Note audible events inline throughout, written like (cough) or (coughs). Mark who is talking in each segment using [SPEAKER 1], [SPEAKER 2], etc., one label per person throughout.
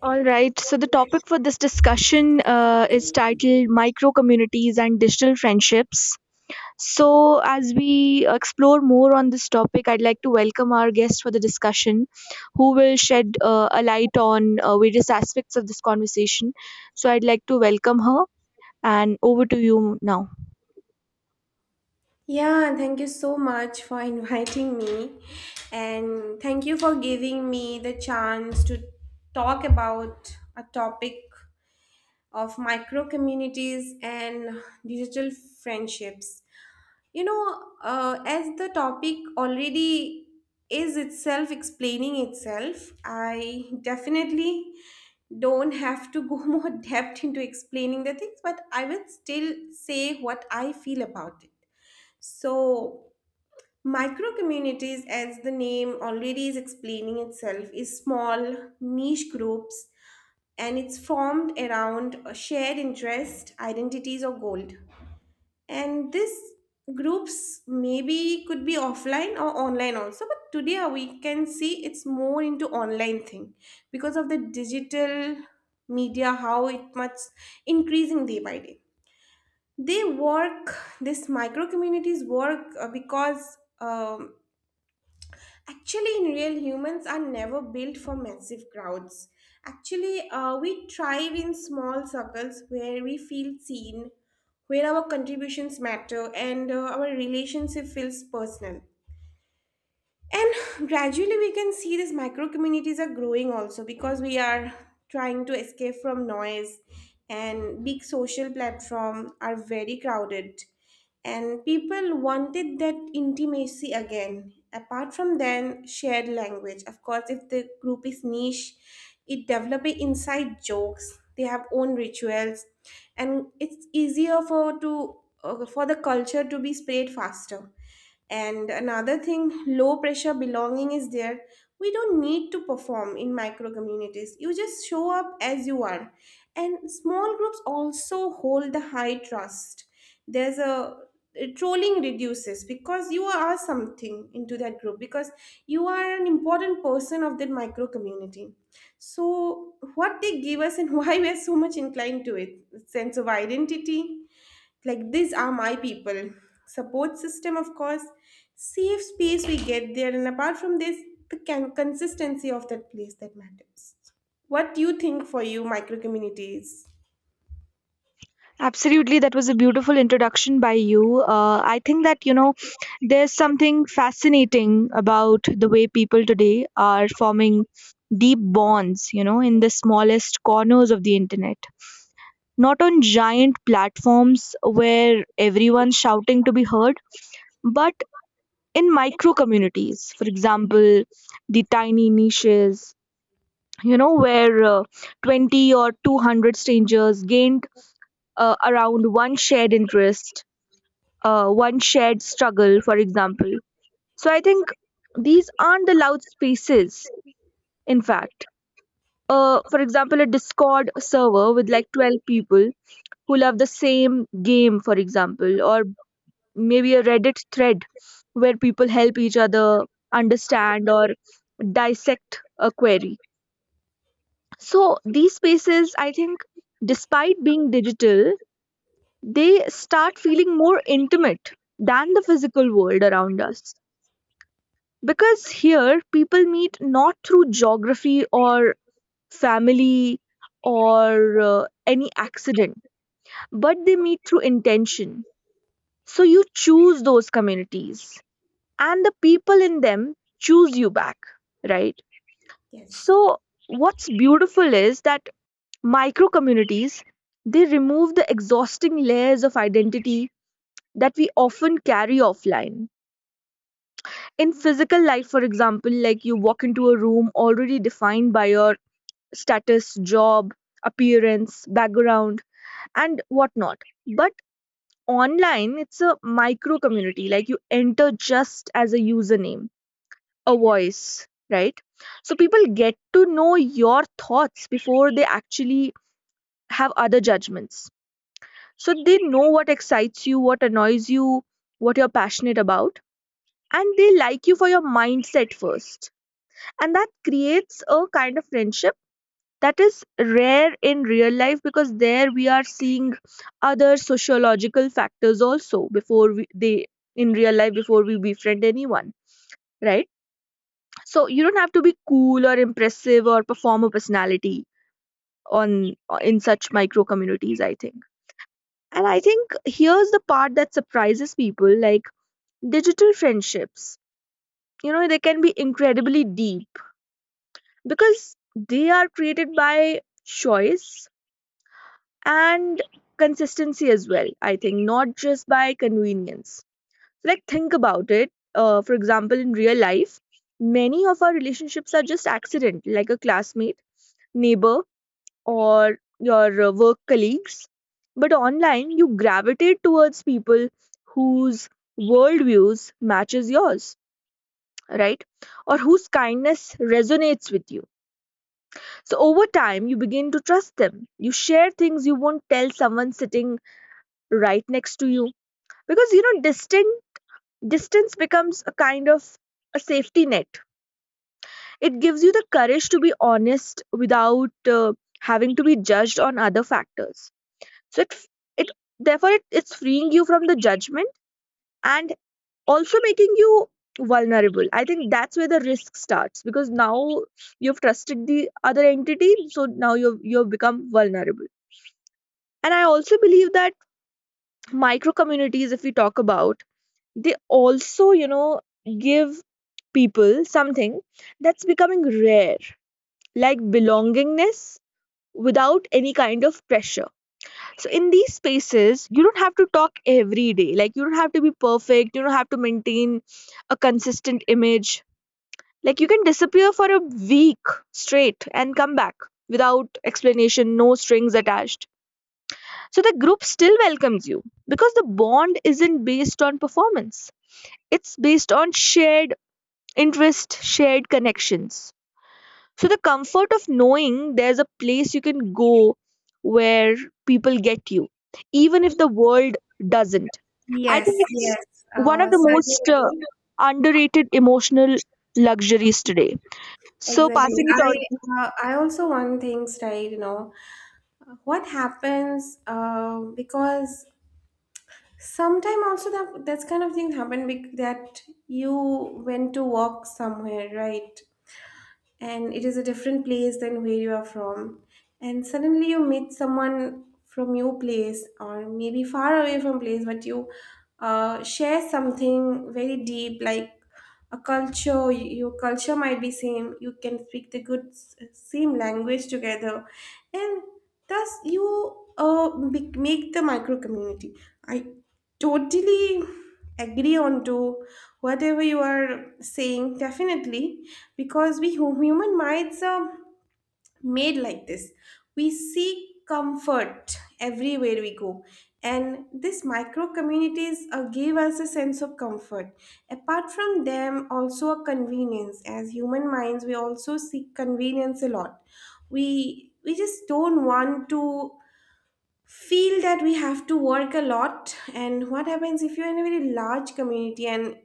[SPEAKER 1] All right. So the topic for this discussion is titled Micro Communities and Digital Friendships. So, as we explore more on this topic, I'd like to welcome our guest for the discussion, who will shed a light on various aspects of this conversation. So, I'd like to welcome her, and over to you now.
[SPEAKER 2] Yeah, thank you so much for inviting me. And thank you for giving me the chance to talk about a topic of micro communities and digital friendships. As the topic already is itself explaining itself, I definitely don't have to go (laughs) more depth into explaining the things, but I will still say what I feel about it. So, micro communities, as the name already is explaining itself, is small niche groups, and it's formed around a shared interest, identities, or goal. And these groups maybe could be offline or online also, but today we can see it's more into online thing because of the digital media, how it much increasing day by day. They work, these micro communities work because actually, in real humans are never built for massive crowds. Actually, we thrive in small circles where we feel seen, where our contributions matter, and our relationship feels personal. And gradually, we can see these micro communities are growing also because we are trying to escape from noise, and big social platform are very crowded, and people wanted that intimacy again. Apart from then, shared language. Of course, if the group is niche, it develop a inside jokes. They have own rituals, and it's easier for to for the culture to be spread faster. And another thing, low pressure belonging is there. We don't need to perform in micro communities. You just show up as you are. And small groups also hold the high trust. There's a trolling reduces because you are something into that group because you are an important person of that micro community. So what they give us, and (laughs) why we are so much inclined to it: sense of identity, like these are my people, support system of course, safe space we get there, and apart from this, the consistency of that place, that matters. What do you think, for you, micro communities?
[SPEAKER 1] Absolutely, that was a beautiful introduction by you. I think that, you know, there's something fascinating about the way people today are forming deep bonds, you know, in the smallest corners of the internet. Not on giant platforms where everyone's shouting to be heard, but in micro communities. For example, the tiny niches, you know, where 20 or 200 strangers gained around one shared interest, one shared struggle, for example. So I think these aren't the loud spaces, in fact. For example, a Discord server with like 12 people who love the same game, for example, or maybe a Reddit thread where people help each other understand or dissect a query. So these spaces, I think, despite being digital, they start feeling more intimate than the physical world around us. Because here people meet not through geography or family or any accident, but they meet through intention. So you choose those communities, and the people in them choose you back, right?
[SPEAKER 2] Yes.
[SPEAKER 1] So what's beautiful is that micro communities, they remove the exhausting layers of identity that we often carry offline in physical life. For example, like you walk into a room already defined by your status, job, appearance, background, and whatnot. But online, it's a micro community. Like you enter just as a username, a voice, right? So people get to know your thoughts before they actually have other judgments. So they know what excites you, what annoys you, what you're passionate about. And they like you for your mindset first. And that creates a kind of friendship that is rare in real life, because there we are seeing other sociological factors also before they in real life before we befriend anyone, right? So you don't have to be cool or impressive or perform a personality on in such micro communities, I think. And I think here's the part that surprises people, like digital friendships, you know, they can be incredibly deep because they are created by choice and consistency as well, I think, not just by convenience. So like think about it, for example, in real life many of our relationships are just accident, like a classmate, neighbor, or your work colleagues. But online you gravitate towards people whose worldviews matches yours, right? Or whose kindness resonates with you. So over time you begin to trust them. You share things you won't tell someone sitting right next to you, because you know distant distance becomes a kind of a safety net. It gives you the courage to be honest without having to be judged on other factors. So it it's freeing you from the judgment and also making you vulnerable. I think that's where the risk starts, because now you've trusted the other entity, so now you've become vulnerable. And I also believe that micro communities, if we talk about, they also, you know, give people something that's becoming rare, like belongingness without any kind of pressure. So in these spaces you don't have to talk every day. Like you don't have to be perfect, you don't have to maintain a consistent image. Like you can disappear for a week straight and come back without explanation, no strings attached. So the group still welcomes you because the bond isn't based on performance. It's based on shared interest, shared connections. So the comfort of knowing there's a place you can go where people get you, even if the world doesn't. I
[SPEAKER 2] Yes,
[SPEAKER 1] think it's
[SPEAKER 2] yes.
[SPEAKER 1] one of
[SPEAKER 2] Uh,
[SPEAKER 1] the most
[SPEAKER 2] so-
[SPEAKER 1] underrated emotional luxuries today. So
[SPEAKER 2] exactly.
[SPEAKER 1] passing it on.
[SPEAKER 2] I also want things, right? You know what happens? Because sometimes also that that's kind of thing happen, that you went to walk somewhere, right? And it is a different place than where you are from. And suddenly you meet someone from your place or maybe far away from place, but you share something very deep, like a culture. Your culture might be same. You can speak the good same language together, and thus you make the micro community. I totally agree on to whatever you are saying, definitely, because we human minds are made like this. We seek comfort everywhere we go, and these micro communities give us a sense of comfort. Apart from them, also a convenience. As human minds, we also seek convenience a lot. We just don't want to feel that we have to work a lot. And what happens if you're in a very large community, and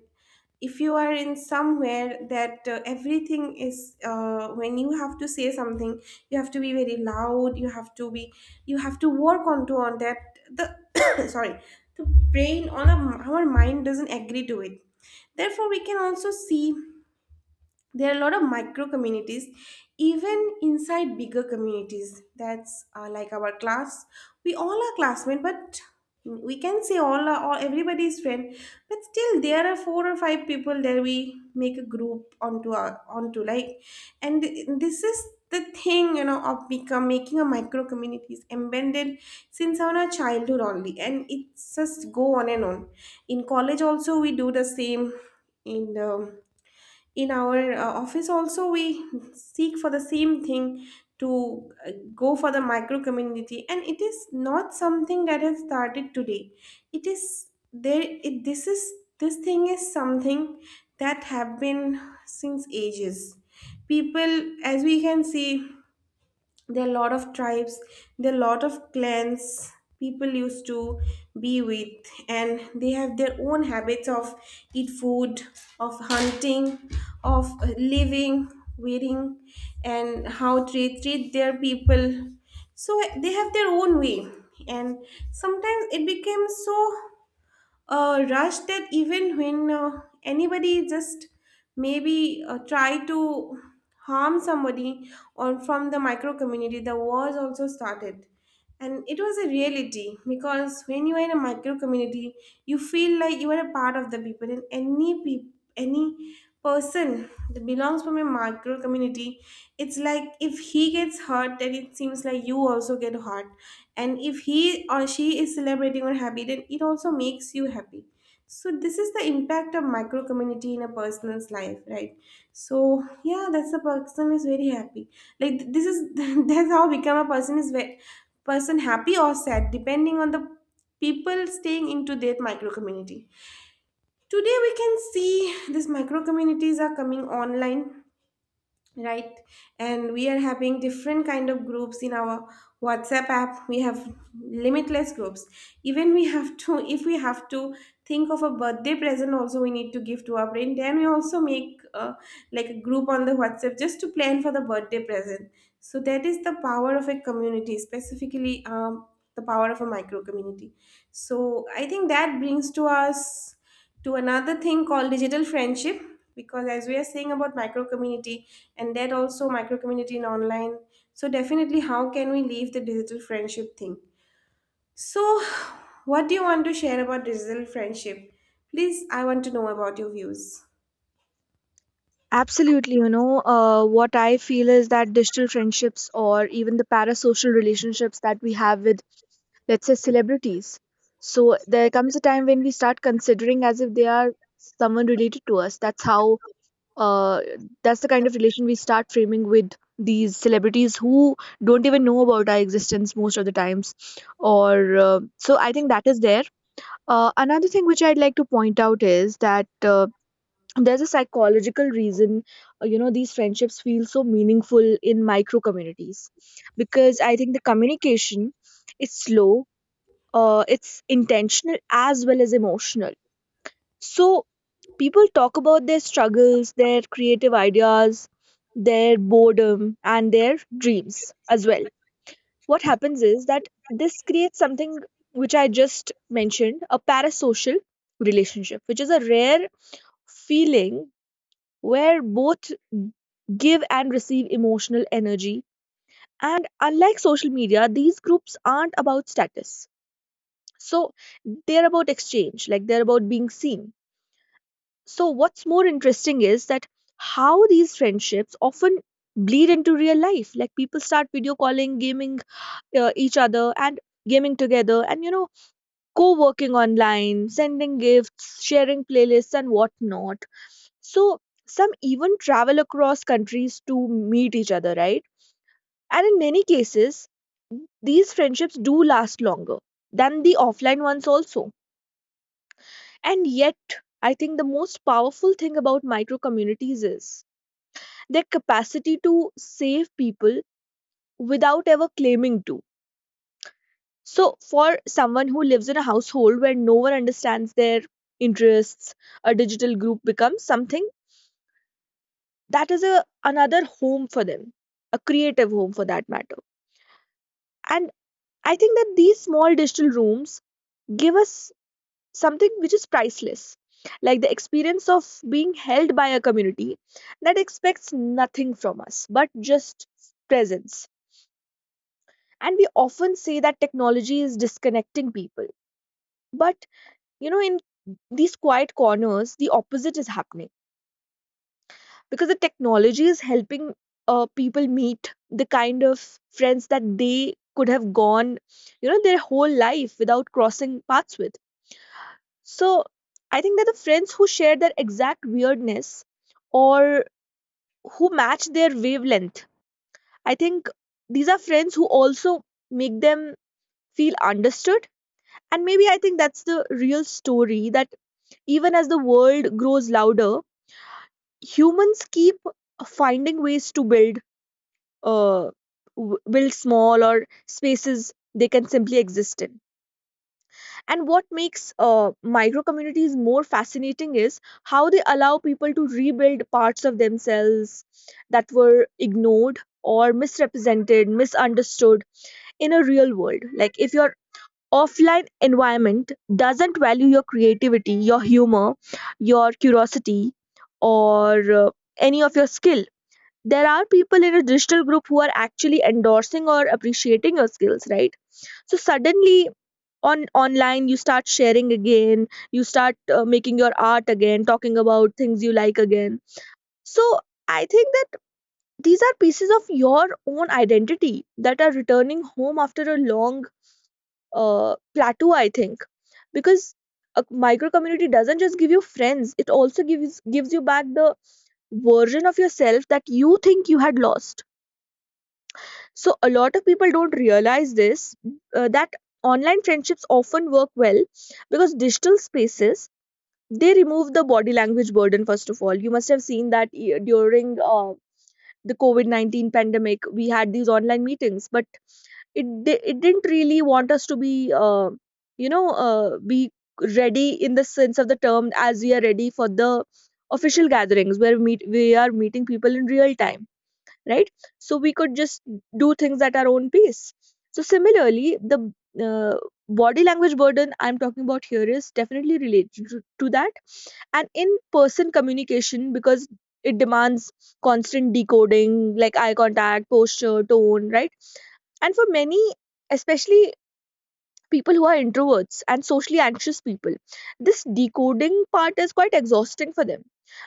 [SPEAKER 2] if you are in somewhere that everything is when you have to say something, you have to be very loud, you have to work onto on that. The (coughs) sorry, the brain our mind doesn't agree to it. Therefore we can also see there are a lot of micro communities even inside bigger communities. That's like our class. We all are classmates, but we can say all everybody is friend. But still there are four or five people there, we make a group onto our onto, like. And this is the thing, of become making a micro communities embedded since our childhood only, and it's just go on and on. In college also we do the same. in the in our office also we seek for the same thing, to go for the micro community. And it is not something that has started today. It is there, this thing is something that have been since ages. People, as we can see, there are a lot of tribes, there are a lot of clans people used to be with. And they have their own habits of eat food, of hunting, of living, wearing, and how they treat their people. So they have their own way. And sometimes it became so a rush that even when anybody just maybe try to harm somebody or from the micro community, the wars also started. And it was a reality, because when you are in a micro community, you feel like you are a part of the people. And any person that belongs from a micro community, it's like if he gets hurt, then it seems like you also get hurt. And if he or she is celebrating or happy, then it also makes you happy. So this is the impact of micro community in a person's life, right? So yeah, that's, a person is very happy. Like this is (laughs) that's how become a person is person happy or sad depending on the people staying into their micro community. Today we can see these micro communities are coming online, right? And we are having different kind of groups. In our WhatsApp app we have limitless groups. Even we have to (laughs) if we have to think of a birthday present also we need to give to our friend, then we also make like a group on the WhatsApp just to plan for the birthday present. So that is the power of a community, specifically the power of a micro community. So I think that brings to us to another thing called digital friendship, because as we are saying about micro community, and that also micro community in online, so definitely how can we leave the digital friendship thing. So what do you want to share about digital friendship? Please, I want to know about your views.
[SPEAKER 1] Absolutely, you know, what I feel is that digital friendships, or even the parasocial relationships that we have with, let's say, celebrities. So there comes a time when we start considering as if they are someone related to us. That's how, uh, that's the kind of relation we start framing with these celebrities who don't even know about our existence most of the times, or so I think that is there. Another thing which I'd like to point out is that, there's a psychological reason, you know, these friendships feel so meaningful in micro communities, because I think the communication is slow, it's intentional as well as emotional. So people talk about their struggles, their creative ideas, their boredom, and their dreams as well. What happens is that this creates something which I just mentioned, a parasocial relationship, which is a rare feeling where both give and receive emotional energy. And unlike social media, these groups aren't about status. So they're about exchange, like they're about being seen. So what's more interesting is that how these friendships often bleed into real life. Like people start video calling, gaming each other, and gaming together, and you know, co-working online, sending gifts, sharing playlists, and whatnot. So some even travel across countries to meet each other, right? And in many cases, these friendships do last longer than the offline ones also. And yet, I think the most powerful thing about micro communities is their capacity to save people without ever claiming to. So for someone who lives in a household where no one understands their interests, a digital group becomes something that is a, another home for them, a creative home for that matter. And I think that these small digital rooms give us something which is priceless, like the experience of being held by a community that expects nothing from us but just presence. And we often say that technology is disconnecting people, but you know, in these quiet corners the opposite is happening, because the technology is helping people meet the kind of friends that they could have gone, you know, their whole life without crossing paths with. So I think that the friends who share their exact weirdness or who match their wavelength, I think these are friends who also make them feel understood. And maybe I think that's the real story, that even as the world grows louder, humans keep finding ways to build uh, build small or spaces they can simply exist in. And what makes micro communities more fascinating is how they allow people to rebuild parts of themselves that were ignored or misrepresented, misunderstood in a real world. Like if your offline environment doesn't value your creativity, your humor, your curiosity, or any of your skill, there are people in a digital group who are actually endorsing or appreciating your skills, right? So suddenly on online you start sharing again, you start making your art again, talking about things you like again. So I think that these are pieces of your own identity that are returning home after a long plateau, I think. Because a micro community doesn't just give you friends, it also gives you back the version of yourself that you think you had lost. So a lot of people don't realize this, that online friendships often work well because digital spaces, they remove the body language burden. First of all, you must have seen that during the covid-19 pandemic we had these online meetings, but it didn't really want us to be you know, be ready in the sense of the term as we are ready for the official gatherings where meet we are meeting people in real time, right? So we could just do things at our own pace. So similarly, the uh, body language burden I'm talking about here is definitely related to that and in person communication, because it demands constant decoding, like eye contact, posture, tone, right? And for many, especially people who are introverts and socially anxious people. This decoding part is quite exhausting for them.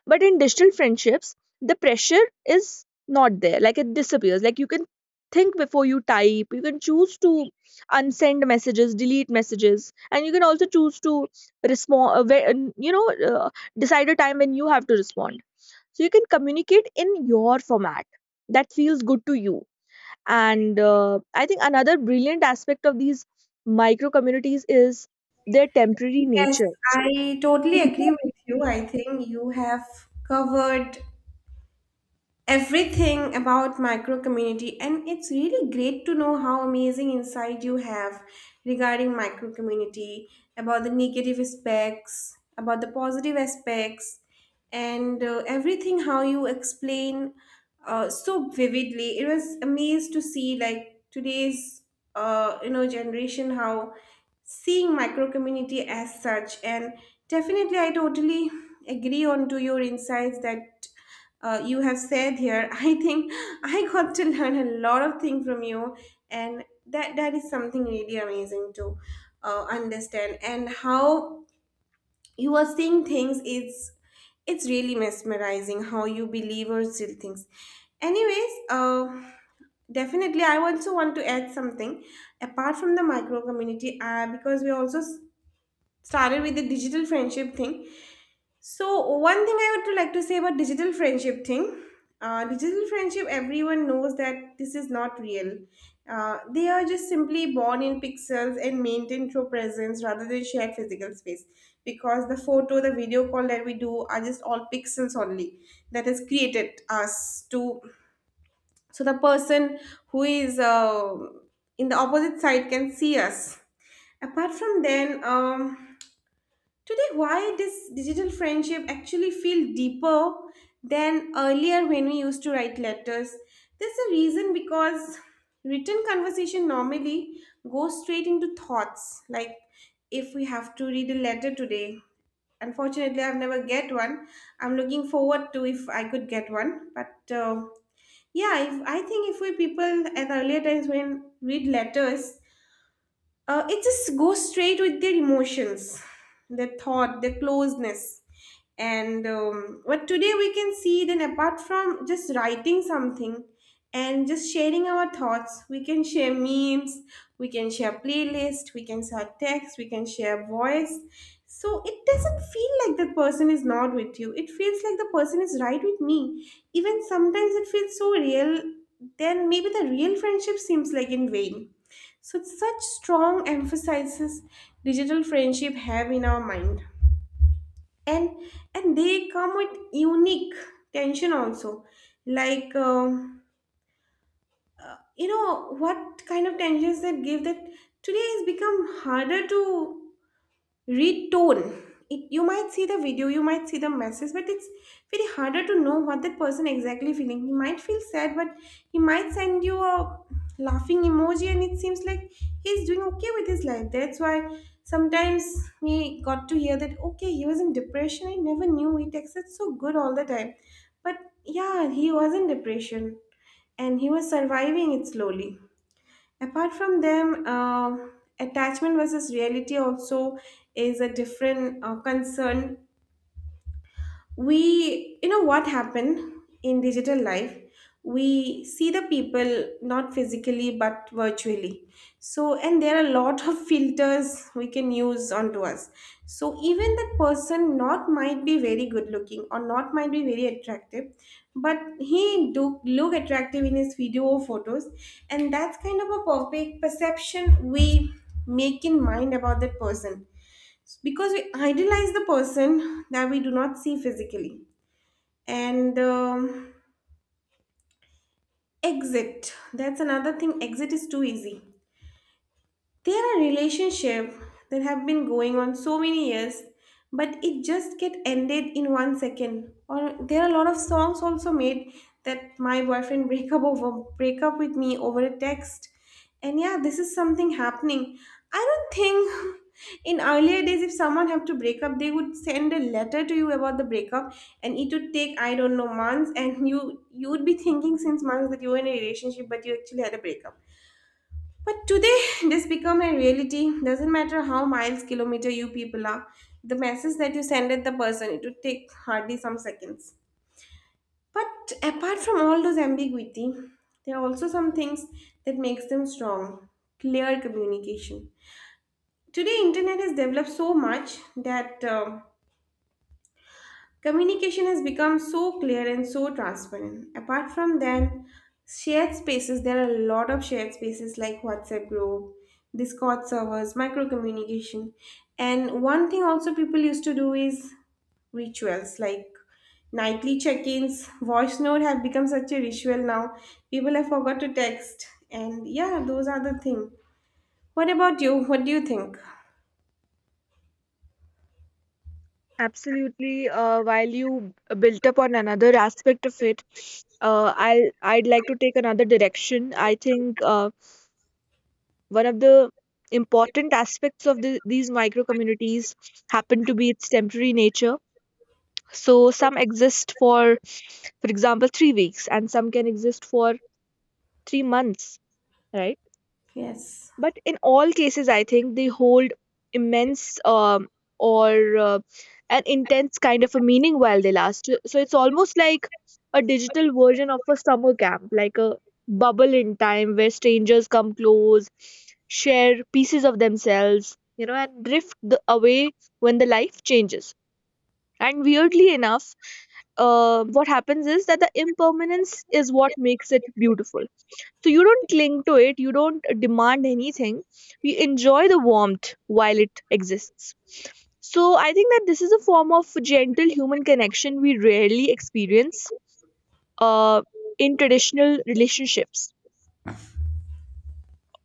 [SPEAKER 1] But in digital friendships, the pressure is not there. Like it disappears. Like you can think before you type, you can choose to unsend messages, delete messages, and you can also choose to respond, and, you know, decide a time when you have to respond. So you can communicate in your format that feels good to you. And I think another brilliant aspect of these micro communities is their temporary
[SPEAKER 2] Yes,
[SPEAKER 1] nature.
[SPEAKER 2] I totally agree with you. I think you have covered everything about micro community, and it's really great to know how amazing insight you have regarding micro community, about the negative aspects, about the positive aspects, and everything how you explain so vividly. It was amazed to see like today's generation how seeing micro community as such. And definitely I totally agree on to your insights that you have said here. (laughs) I think I got to learn a lot of things from you, and that is something really amazing, to understand. And how you are seeing things is it's really mesmerizing, how you believe or still things. Anyways, definitely I also want to add something apart from the micro community, because we also started with the digital friendship thing. So one thing I would like to say about digital friendship thing, digital friendship, everyone knows that this is not real. They are just simply born in pixels and maintained through presence rather than shared physical space, because the photo, the video call that we do are just all pixels only, that has created us to. So the person who is in the opposite side can see us. Apart from then, today, why this digital friendship actually feel deeper than earlier when we used to write letters? There's a reason, because written conversation normally goes straight into thoughts. Like if we have to read a letter today, unfortunately I've never get one. I'm looking forward to if I could get one, but yeah, if I think, if we people at earlier times when read letters, it just goes straight with their emotions, their thought, their closeness. And but today we can see then, apart from just writing something and just sharing our thoughts, we can share memes, we can share playlist, we can share text, we can share voice. So it doesn't feel like the person is not with you, it feels like the person is right with me. Even sometimes it feels so real, then maybe the real friendship seems like in vain. So such strong emphasizes digital friendship have in our mind. And and they come with unique tension also. Like you know what kind of tensions that give that today has become harder to read tone it you might see the video you might see the message but it's very harder to know what that person exactly feeling. He might feel sad but he might send you a laughing emoji and it seems like he's doing okay with his life. That's why sometimes we got to hear that okay, he was in depression. I never knew, he texted so good all the time but yeah, he was in depression and he was surviving it slowly. Apart from them, attachment versus reality also is a different concern. We, you know, what happened in digital life, we see the people not physically but virtually. So and there are a lot of (laughs) filters we can use onto us. So even that person not might be very good looking or not might be very attractive, but he do look attractive in his video or photos, and that's kind of a perfect perception we make in mind about that person, because we idealize the person that we do not see physically. And exit, that's another thing. Exit is too easy. There are relationships that have been going on so many years, but it just get ended in 1 second. Or there are a lot of songs also made that my boyfriend break up over break up with me over a text. And yeah, this is something happening. I don't think (laughs) in earlier days if someone have to break up, they would send a letter to you about the breakup and it would take I don't know months, and you would be thinking since months that you were in a relationship but you actually had a breakup. But today, (laughs) this become a reality. Doesn't matter how miles, kilometer you people are, the message that you send at the person, it would take hardly some seconds. But apart from all those ambiguity, there are also some things that makes them strong. Clear communication. Today, internet has developed so much that communication has become so clear and so transparent. Apart from that, shared spaces, there are a lot of shared spaces like WhatsApp group, Discord servers, micro communication. And one thing also people used to do is rituals like nightly check-ins. Voice note have become such a ritual now. People have forgot to text. And yeah, those are the thing. What about you? What do you think?
[SPEAKER 1] Absolutely, while you built up on another aspect of it, I'd like to take another direction. I think one of the important aspects of these micro communities happen to be its temporary nature. So some exist for example, 3 weeks, and some can exist for 3 months. Right.
[SPEAKER 2] Yes.
[SPEAKER 1] But in all cases, I think they hold immense or uh, an intense kind of a meaning while they last. So it's almost like a digital version of a summer camp, like a bubble in time where strangers come close, share pieces of themselves, and drift away when the life changes. And weirdly enough, what happens is that the impermanence is what makes it beautiful. So you don't cling to it, you don't demand anything. You enjoy the warmth while it exists. So I think that this is a form of gentle human connection we rarely experience uh, in traditional relationships.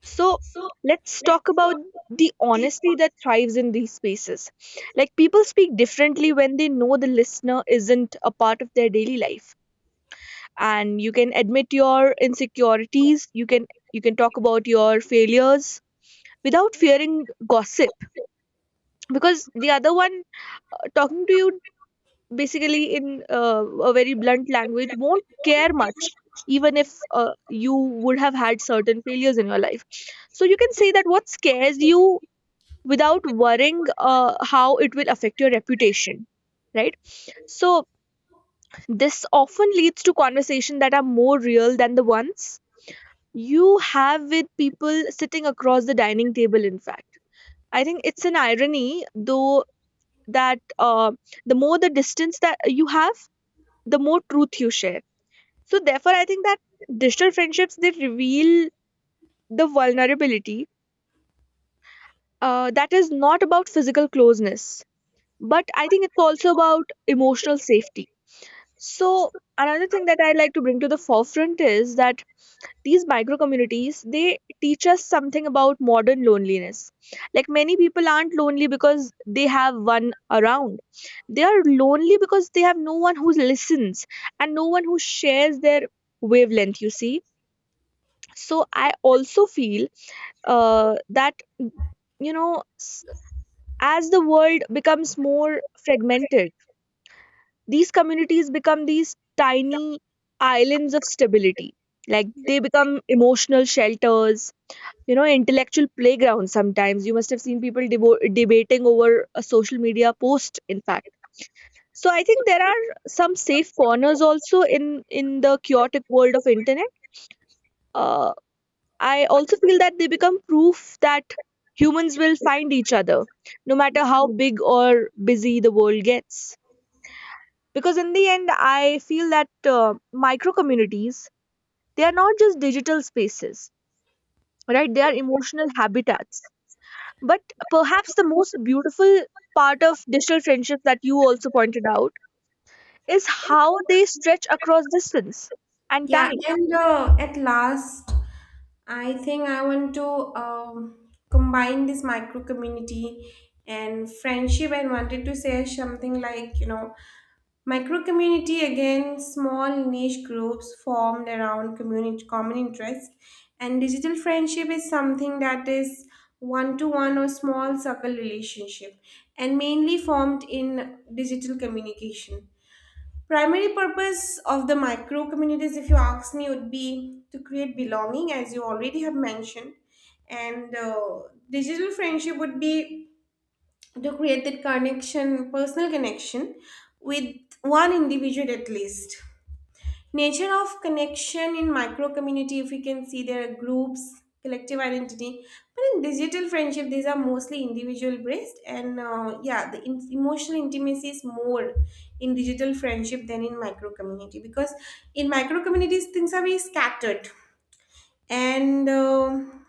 [SPEAKER 1] So let's talk about the honesty that thrives in these spaces. Like, people speak differently when they know the listener isn't a part of their daily life. And you can admit your insecurities, you can talk about your failures without fearing gossip, because the other one talking to you basically in a very blunt language won't care much even if you would have had certain failures in your life. So you can say that what scares you without worrying how it will affect your reputation, right? So this often leads to conversations that are more real than the ones you have with people sitting across the dining table. In fact, I think it's an irony though that the more the distance that you have, the more truth you share. So therefore I think that digital friendships, they reveal the vulnerability that is not about physical closeness, but I think it's also about emotional safety. So another thing that I like to bring to the forefront is that these micro communities, they teach us something about modern loneliness. Like, many people aren't lonely because they have one around. They are lonely because they have no one who listens and no one who shares their wavelength, you see. So I also feel that, you know, s- as the world becomes more fragmented, these communities become these tiny islands of stability. Like, they become emotional shelters, you know, intellectual playground. Sometimes you must have seen people debating over a social media post, in fact. So I think there are some safe corners also in the chaotic world of internet. uh, I also feel that they become proof that humans will find each other no matter how big or busy the world gets. Because in the end, I feel that micro communities, they are not just digital spaces, right? They are emotional habitats. But perhaps the most beautiful part of digital friendships that you also pointed out is how they stretch across distance and
[SPEAKER 2] Yeah,
[SPEAKER 1] time.
[SPEAKER 2] and at last, I think I want to combine this micro community and friendship and wanted to say something like, you know, micro community again, small niche groups formed around community common interest, and digital friendship is something that is one to one or small circle relationship and mainly formed in digital communication. Primary purpose of the micro communities, if you ask me, would be to create belonging as you already have mentioned. And digital friendship would be to create that connection, personal connection with one individual at least. Nature of connection in micro community, if we can see, there are groups collective identity, but in digital friendship these are mostly individual based. And yeah, the emotional intimacy is more in digital friendship than in micro community, because in micro communities things are very scattered. And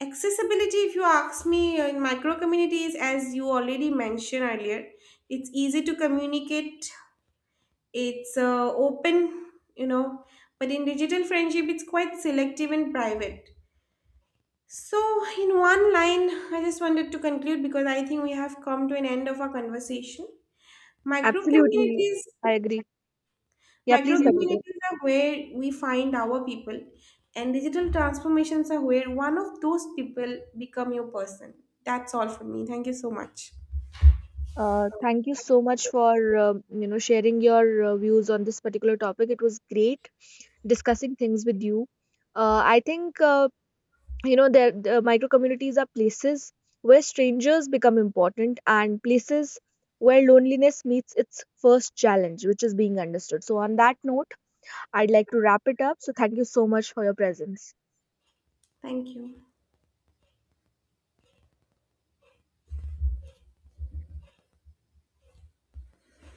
[SPEAKER 2] accessibility, if you ask me, in micro communities as you already mentioned earlier, it's easy to communicate, it's open, you know, but in digital friendship it's quite selective and private. So in one line I just wanted to conclude because I think we have come to an end of our conversation. Micro
[SPEAKER 1] Absolutely,
[SPEAKER 2] communities,
[SPEAKER 1] I agree. Yeah,
[SPEAKER 2] micro
[SPEAKER 1] please continue.
[SPEAKER 2] communities are where we find our people, and digital transformations are where one of those people become your person. That's all for me, thank you so much.
[SPEAKER 1] Thank you so much for you know, sharing your views on this particular topic. It was great discussing things with you. I think you know, the micro communities are places where strangers become important, and places where loneliness meets its first challenge, which is being understood. So on that note, I'd like to wrap it up. So thank you so much for your presence.
[SPEAKER 2] Thank you.